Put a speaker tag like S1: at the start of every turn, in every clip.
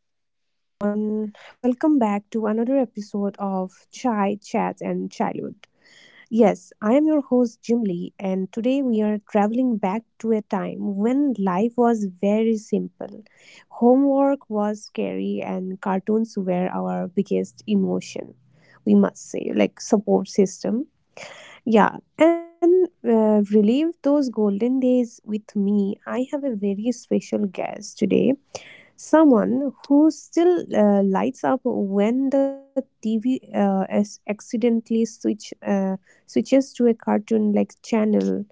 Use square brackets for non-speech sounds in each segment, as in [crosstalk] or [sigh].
S1: Hello, everyone. Welcome back to another episode of Chai, Chat, and Childhood. Yes, I am your host, Jim Lee. Today we are traveling back to a time when life was very simple. Homework was scary, and cartoons were our biggest emotion, we must say, like support system. Yeah, and relive those golden days with me. I have a very special guest today. Someone who still lights up when the TV as accidentally switches to a cartoon like channel.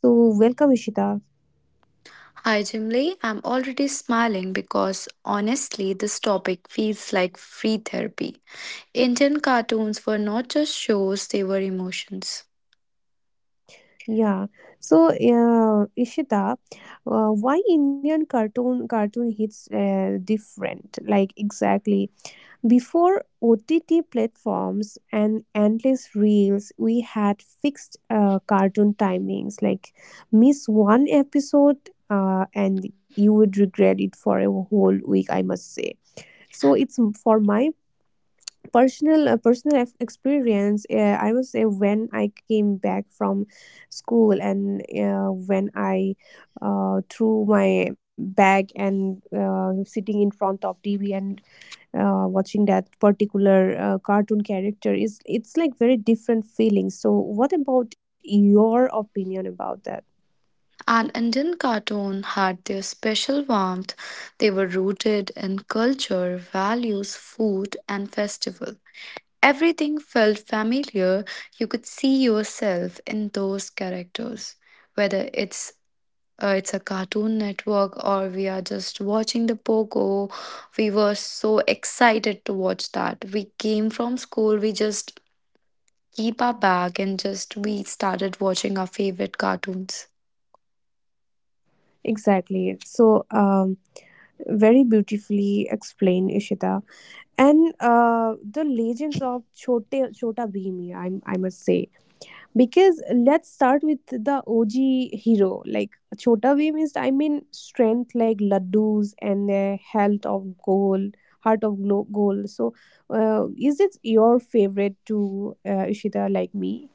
S1: So welcome Ishita.
S2: Hi, Jimly. I'm already smiling because honestly, this topic feels like free therapy. Indian cartoons were not just shows, they were emotions.
S1: Yeah. So Ishita, why Indian cartoon hits different? Like exactly. Before OTT platforms and endless reels, we had fixed cartoon timings. Like, miss one episode and you would regret it for a whole week, I must say. So, for my personal experience. I would say when I came back from school and when I threw my bag and sitting in front of TV and watching that particular cartoon character is it's like very different feelings. So what about your opinion about that?
S2: And Indian cartoon had their special warmth. They were rooted in culture, values, food, and festival. Everything felt familiar. You could see yourself in those characters. Whether it's a Cartoon Network or we are just watching the Pogo. We were so excited to watch that. We came from school, we just keep our bag and just we started watching our favorite cartoons.
S1: Exactly. Very beautifully explained, Ishita. And the legends of Chote Chota Bhim, I must say. Because let's start with the OG hero. Like Chota Bhim is, I mean, strength like laddus and the health of gold, heart of gold. So, is it your favorite to Ishita like me?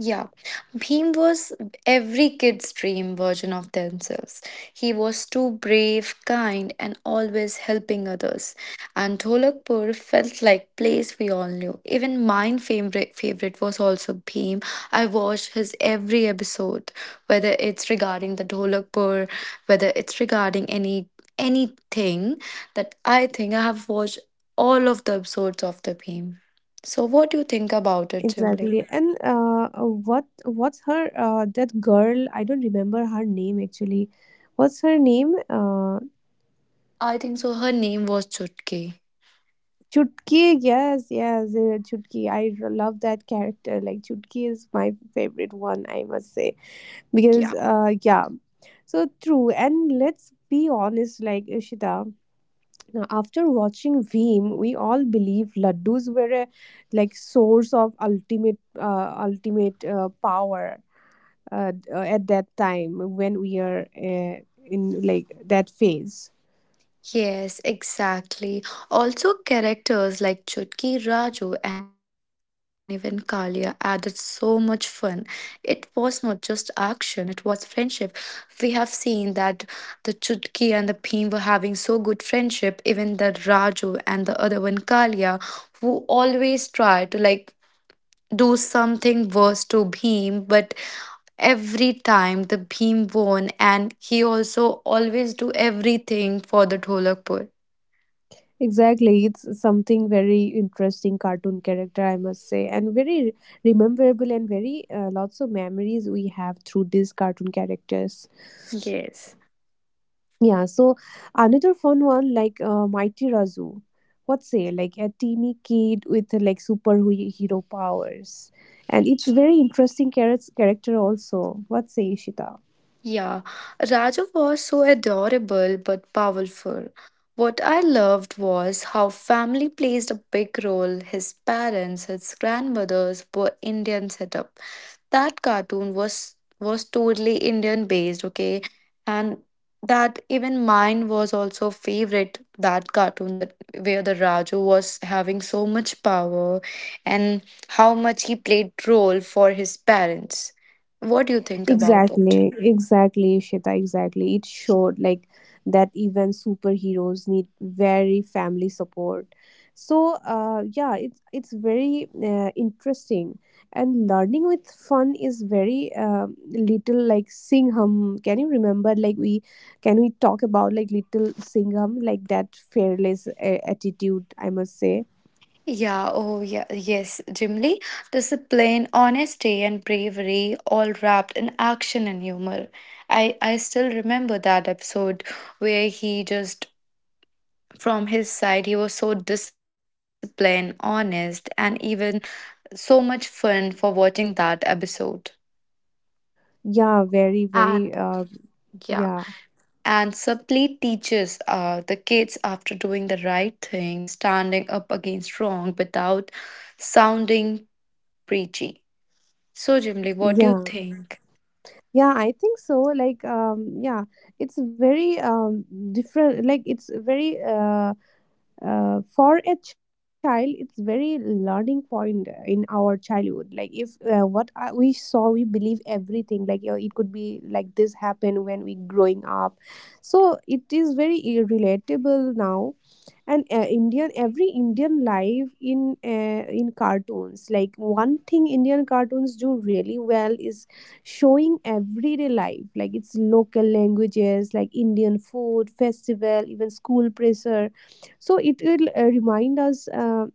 S2: Yeah, Bhim was every kid's dream version of themselves. He was too brave, kind, and always helping others. And Dholakpur felt like place we all knew. Even my favorite was also Bhim. I watched his every episode, whether it's regarding the Dholakpur, whether it's regarding anything that I think I have watched all of the episodes of the Bhim. So, what do you think about it, Jim?
S1: Exactly. And what's her that girl? I don't remember her name actually. What's her name?
S2: I think so. Her name was Chutki.
S1: Chutki. Yes, Chutki. I love that character. Like Chutki is favorite one, I must say. Because
S2: Yeah.
S1: yeah, so true. And let's be honest, like Ishita, now, after watching Veem, we all believe laddus were a like source of ultimate ultimate power at that time when we are in like that phase.
S2: Yes, exactly. Also, characters like Chutki, Raju, and even Kalia added so much fun. It was not just action, it was friendship. We have seen that the Chutki and the Bhim were having so good friendship, even the Raju and the other one, Kalia, who always try to like do something worse to Bhim, but every time the Bhim won, and he also always do everything for the Dholakpur.
S1: Exactly, it's something very interesting cartoon character, I must say, and very rememberable and very lots of memories we have through these cartoon characters.
S2: Yes.
S1: Yeah, so another fun one like Mighty Razu. What say? Like a teeny kid with like superhero powers, and it's very interesting character also. What say, Ishita?
S2: Yeah, Raju was so adorable but powerful. What I loved was how family plays a big role. His parents, his grandmothers were Indian setup, that cartoon was totally Indian based, okay? And that even mine was also favorite that cartoon that where the Raju was having so much power and how much he played role for his parents. What do you think about it?
S1: Exactly, Ishita, exactly. It showed like that even superheroes need very family support. So, yeah, it's very interesting, and learning with fun is very little like Singham. Can you remember? Like we, can we talk about like little Singham, like that fearless attitude? I must say,
S2: Yeah, oh yeah, yes, Jim Lee. Discipline, honesty, and bravery all wrapped in action and humor. I still remember that episode where he just from his side, he was so disciplined, honest, and even so much fun for watching that episode.
S1: yeah, very,
S2: And
S1: very, uh,
S2: yeah,
S1: yeah,
S2: and subtly teaches the kids after doing the right thing, standing up against wrong without sounding preachy. So, Jimly, what do you
S1: yeah.
S2: think?
S1: Yeah, I think so. Like, yeah, it's very different. Like, it's very for a child, it's very learning point in our childhood. Like, if what I- we saw, we believe everything. Like, you know, it could be like this happened when we growing up. So it is very relatable now and Indian every Indian life in cartoons. Like one thing Indian cartoons do really well is showing everyday life, like its local languages, like Indian food, festival, even school pressure. So it will remind us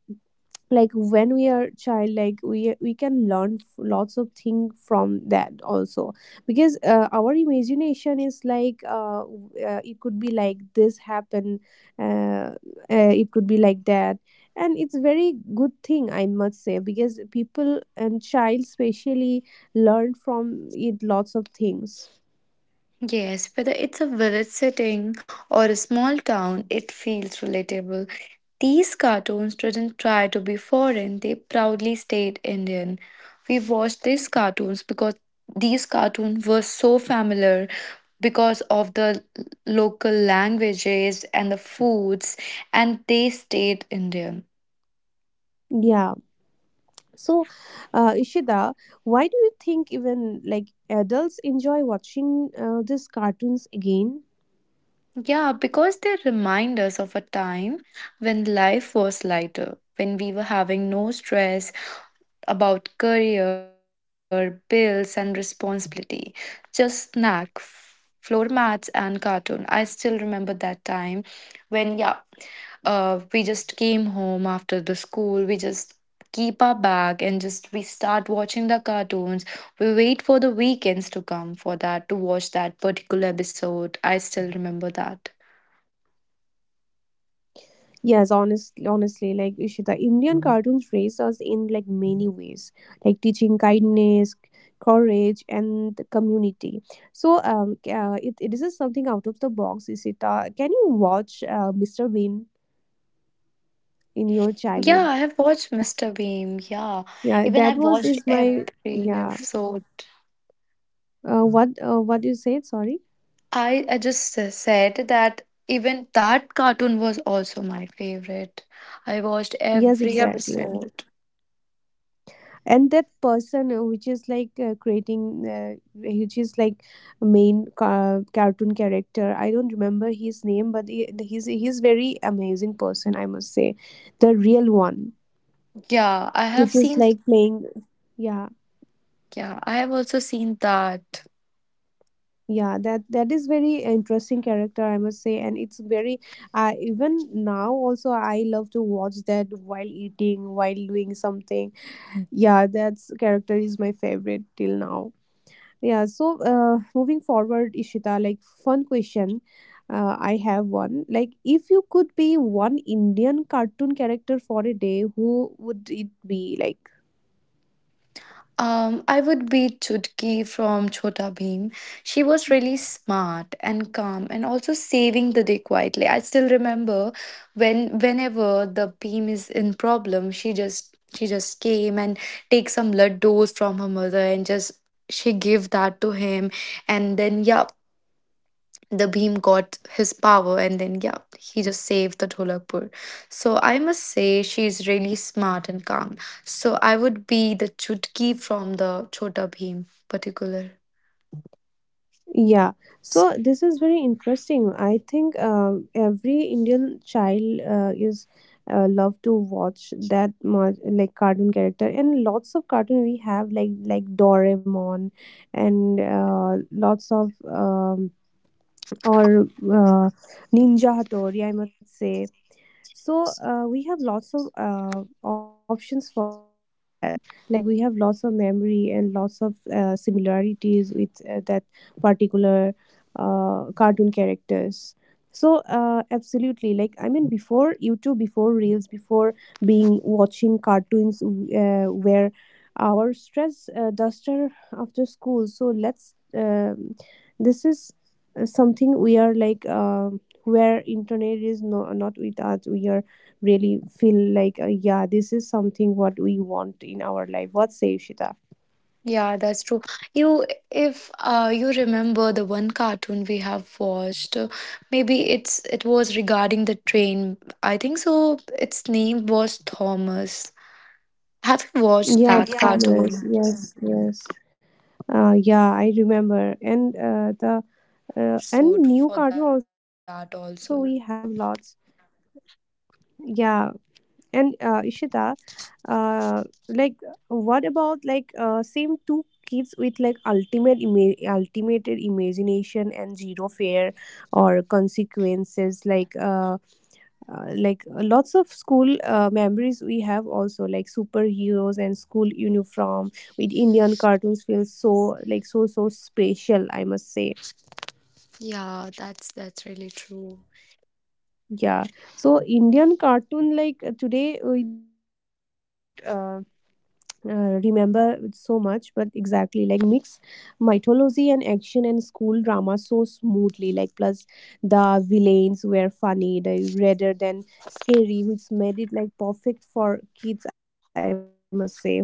S1: like when we are child, like we can learn lots of things from that also, because our imagination is like it could be like this happen, uh, it could be like that. And it's very good thing, I must say, because people and child especially learn from it lots of things.
S2: Yes, whether it's a village setting or a small town, it feels relatable. These cartoons didn't try to be foreign, they proudly stayed Indian. We watched these cartoons because these cartoons were so familiar because of the local languages and the foods, and they stayed Indian.
S1: Yeah, so Ishida, why do you think even like adults enjoy watching these cartoons again?
S2: Yeah, because they remind us of a time when life was lighter, when we were having no stress about career, bills, and responsibility. Just snack, floor mats, and cartoon. I still remember that time when, yeah, we just came home after the school. We just keep our bag and just we start watching the cartoons. We wait for the weekends to come for that to watch that particular episode. I still remember that.
S1: Yes, honestly, honestly, like Ishita, Indian cartoons raise us in like many ways, like teaching kindness, courage, and the community. So, it is something out of the box, Ishita. Can you watch Mr. Bean
S2: Yeah, I have
S1: in your...
S2: watched Mr. Beam. Yeah, even I've
S1: Yeah,
S2: watched
S1: that was
S2: every
S1: is my yeah.
S2: episode.
S1: What you said? Sorry.
S2: I just said that even that cartoon was also my favorite. I watched
S1: Yes,
S2: every
S1: exactly.
S2: episode.
S1: And that person which is like creating which is like main cartoon character, I don't remember his name, but he's very amazing person, I must say. The real one,
S2: Yeah, I have
S1: which is
S2: seen.
S1: like playing, yeah,
S2: Yeah, I have also seen that.
S1: yeah, that that is very interesting character, I must say. And it's very even now also I love to watch that while eating, while doing something. Yeah, that character is my favorite till now. Yeah, so moving forward, Ishita, like fun question. I have one. Like, if you could be one Indian cartoon character for a day, who would it be? Like,
S2: I would be Chutki from Chhota Bheem. She was really smart and calm and also saving the day quietly. I still remember when whenever the Bheem is in problem, she just came and take some laddus from her mother and just she give that to him and then yeah the Bhim got his power, and then yeah, he just saved the Dholakpur. So I must say she's really smart and calm. So I would be the Chutki from the Chota Bhim particular.
S1: yeah. So this is very interesting. I think every Indian child is love to watch that much like cartoon character, and lots of cartoon we have, like Doraemon, and lots of اور ninja ہتوڑی آئی مڈ سے. So we have lots of options for that, like we have lots of memory and lots of similarities with that particular cartoon characters. So absolutely, like I mean before YouTube, before reels, before being watching cartoons where our stress duster after school. So let's this is something we are like where internet is no, not with us, we are really feel like yeah, this is something what we want in our life. What say you, Shita?
S2: Yeah, that's true. You, if you remember the one cartoon we have watched, maybe it was regarding the train. I think so. Its name was Thomas. Have you watched that
S1: Yeah,
S2: cartoon?
S1: Thomas, yes, yes. Yeah, I remember. And the and
S2: Episode
S1: new
S2: for
S1: cartoon
S2: that
S1: also we
S2: also.
S1: have lots. Yeah. And Ishita, uh, like, what about like same two kids with like ultimate imagination and zero fear or consequences? Like lots of school memories we have also, like superheroes and school uniform with Indian cartoons feels so like so so special. I must say,
S2: Yeah, that's really true.
S1: yeah. So Indian cartoon like today we don't. Remember so much, but exactly like mix mythology and action and school drama so smoothly. Like plus the villains were funny, they, rather than scary, which made it like perfect for kids. I must say. What say, Shita?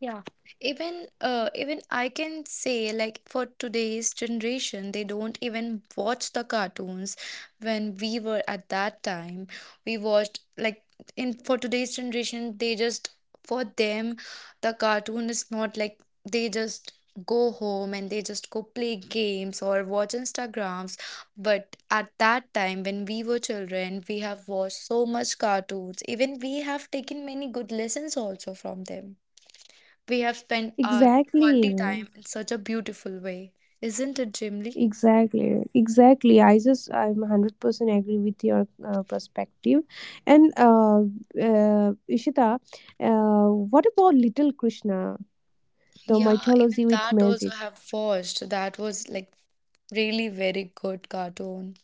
S2: Yeah. Even even I can say like for today's generation they don't even watch the cartoons when we were at that time we watched, like in for today's generation they just for them the cartoon is not like they just go home and they just go play games or watch Instagrams, but at that time when we were children we have watched so much cartoons, even we have taken many good lessons also from them. We have spent our quality
S1: Exactly.
S2: time in such a beautiful way. Isn't it, Jimly?
S1: Exactly, exactly. I'm 100% agree with your perspective, and Ishita, what about Little Krishna, the
S2: Yeah, even
S1: mythology with
S2: that also
S1: magic?
S2: have watched. That was like really very good cartoon.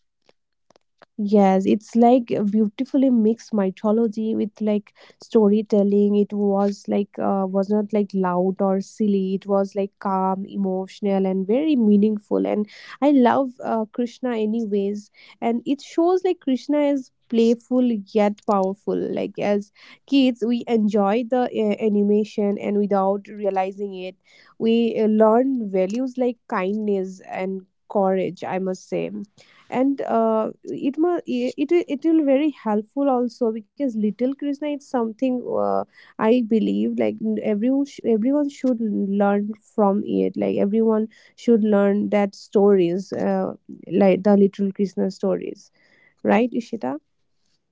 S1: Yes, it's like a beautifully mixed mythology with like storytelling. It was like was not like loud or silly. It was like calm, emotional, and very meaningful. And I love Krishna anyways. And it shows like Krishna is playful yet powerful. Like as kids, we enjoy the animation, and without realizing it, we learn values like kindness and courage. I must say. And it it will very helpful also, because little Krishna is something uh, I believe like everyone should learn from it, like everyone should learn that stories like the little Krishna stories, right Ishita?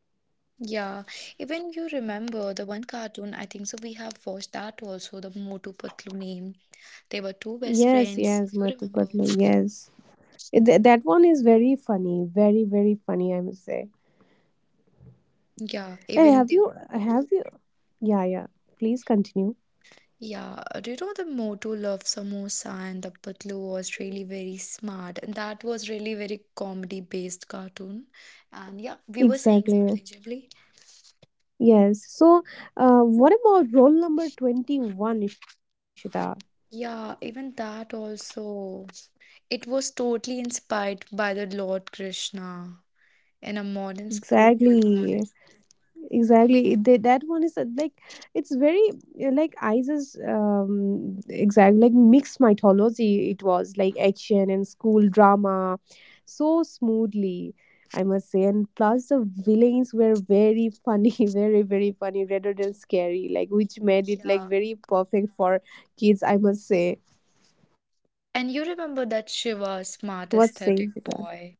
S2: Yeah, even you remember the one cartoon, I think so we have watched that also, the Motu Patlu name. They were two best
S1: Yes,
S2: friends, you
S1: yes,
S2: remember.
S1: Matukatlu, yes. That one is very funny, very very funny, I must say.
S2: Yeah,
S1: Hey,
S2: even
S1: have
S2: they.
S1: you have you yeah, yeah, please continue.
S2: Yeah, do you know the motto love samosa and the patlu was really very smart. And that was really very comedy based cartoon. And yeah, we were saying
S1: Exactly.
S2: something, Jibli.
S1: Yes. So, what about roll number 21, Ishita?
S2: Yeah, even that also. It was totally inspired by the Lord Krishna in a modern school.
S1: Exactly. Exactly. They, that one is like, it's very like ISIS, exactly, like mixed mythology. It was like action and school drama so smoothly, I must say. And plus, the villains were very funny, [laughs] very, very funny rather than scary, like, which made it like
S2: Yeah.
S1: very perfect for kids, I must say.
S2: And you remember that Shiva, smart
S1: What's
S2: aesthetic
S1: saying, Ishita?
S2: boy,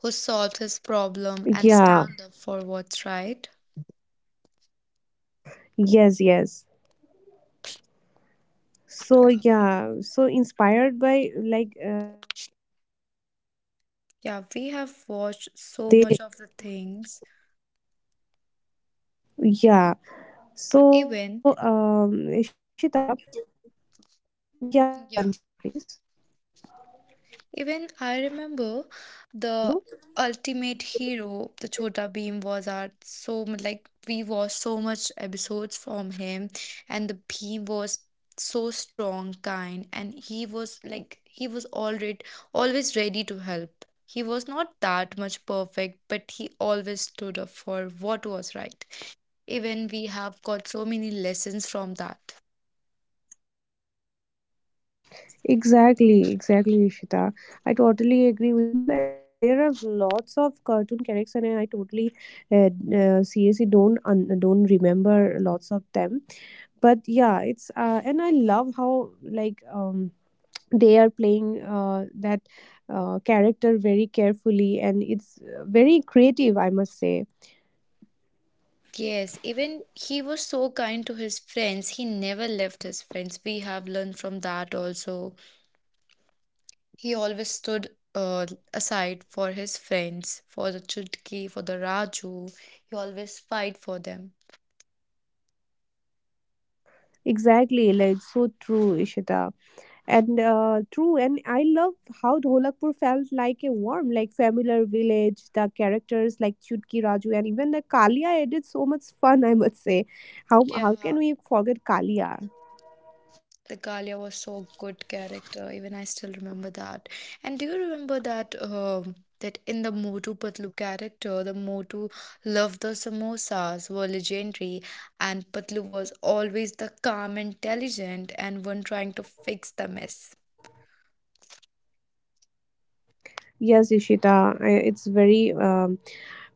S2: who solved his problem and stand up
S1: Yeah.
S2: for what's right?
S1: Yes, yes.
S2: Yeah.
S1: So yeah, so inspired by like...
S2: Yeah, we have watched so much of the things.
S1: Okay, yeah.
S2: Even,
S1: So, Ishita, yeah, yeah,
S2: yeah,
S1: continue, please.
S2: even I remember
S1: Please continue.
S2: the ultimate hero, the Chota Bheem was our so like we watched so much episodes from him, and the Bheem was so strong, kind, and he was like he was already always ready to help. He was not that much perfect, but he always stood up for what was right. Even we have got so many lessons from that.
S1: Exactly, exactly, Ishita. I totally agree with you. And there are lots of cartoon characters, and I totally, uh, seriously don't remember lots of them. But yeah, it's and I love how like they are playing that character very carefully, and it's very creative, I must say.
S2: Yes, even he was so kind to his friends. He never left his friends. We have learned from that also. He always stood uh, aside for his friends, for the Chutki, for the Raju. He always fight for them.
S1: Exactly, like so true, Ishita. And true, and I love how Dholakpur felt like a warm, like familiar village. The characters like Chutki, Raju, and even the Kalia added so much fun, I must say. how how
S2: Yeah,
S1: can we forget Kalia?
S2: the Kalia was so good character. Even I still remember that. And do you remember that that in the Motu Patlu character, the Motu loved the samosas were legendary, and Patlu was always the calm, intelligent, and one trying to fix the mess.
S1: Yes, Ishita, it's very um,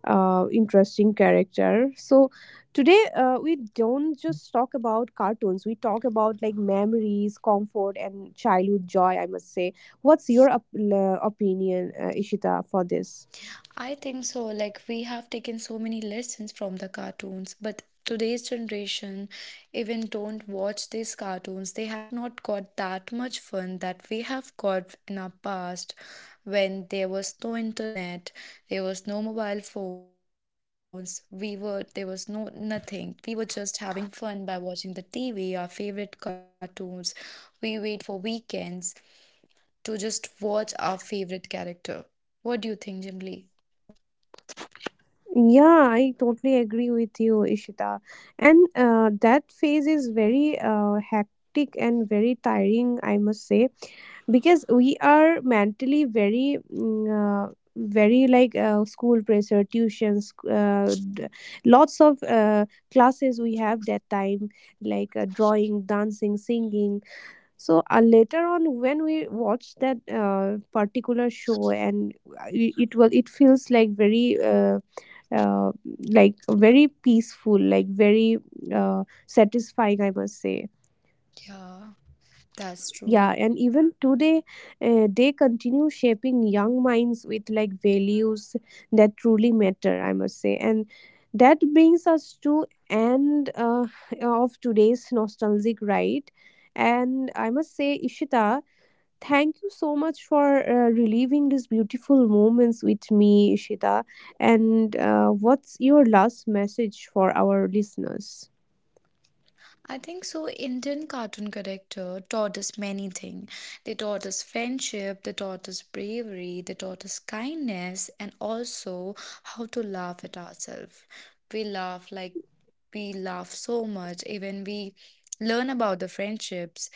S1: uh, interesting character. So today we don't just talk about cartoons. We talk about like memories, comfort, and childhood joy. I must say. What's your opinion, Ishita, for this?
S2: I think so. Like, we have taken so many lessons from the cartoons, but today's generation even don't watch these cartoons. They have not got that much fun that we have got in our past when there was no internet, there was no mobile phones, we were there was no nothing. We were just having fun by watching the TV, our favorite cartoons. We wait for weekends to just watch our favorite character. What do you think, Jim Lee?
S1: Yeah, I totally agree with you, Ishita. And that phase is very hectic and very tiring, I must say. Because we are mentally very very like school pressure, tuitions, uh, d- lots of classes we have that time, like drawing, dancing, singing. So later on when we watch that particular show, and it will it feels uh, like very peaceful, like very satisfying, I must say.
S2: Yeah. That's
S1: Yeah,
S2: true.
S1: and even today they continue shaping young minds with like values that truly matter, I must say. And that brings us to end of today's nostalgic ride. And I must say, Ishita, thank you so much for reliving these beautiful moments with me, Ishita. And what's your last message for our listeners?
S2: I think so. Indian cartoon character taught us many things. They taught us friendship, they taught us bravery, they taught us kindness, and also how to laugh at ourselves. We laugh like we laugh so much. Even we learn about the friendships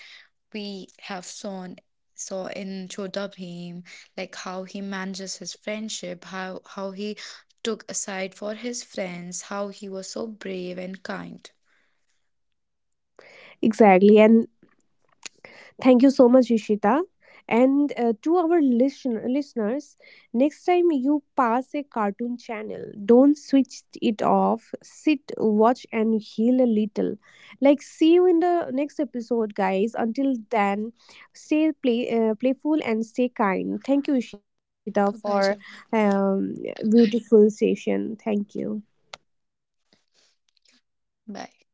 S2: we have shown. So in Chota Bhim, like how he manages his friendship, how he took aside for his friends, how he was so brave and kind.
S1: Exactly. And thank you so much, Ishita. And to our listeners, next time you pass a cartoon channel, don't switch it off. Sit, watch, and heal a little. Like, see you in the next episode, guys. Until then, stay play, playful and stay kind. Thank you,
S2: Bye
S1: Ishita,
S2: bye,
S1: for
S2: Jimmy.
S1: um, beautiful session. Thank you.
S2: Bye.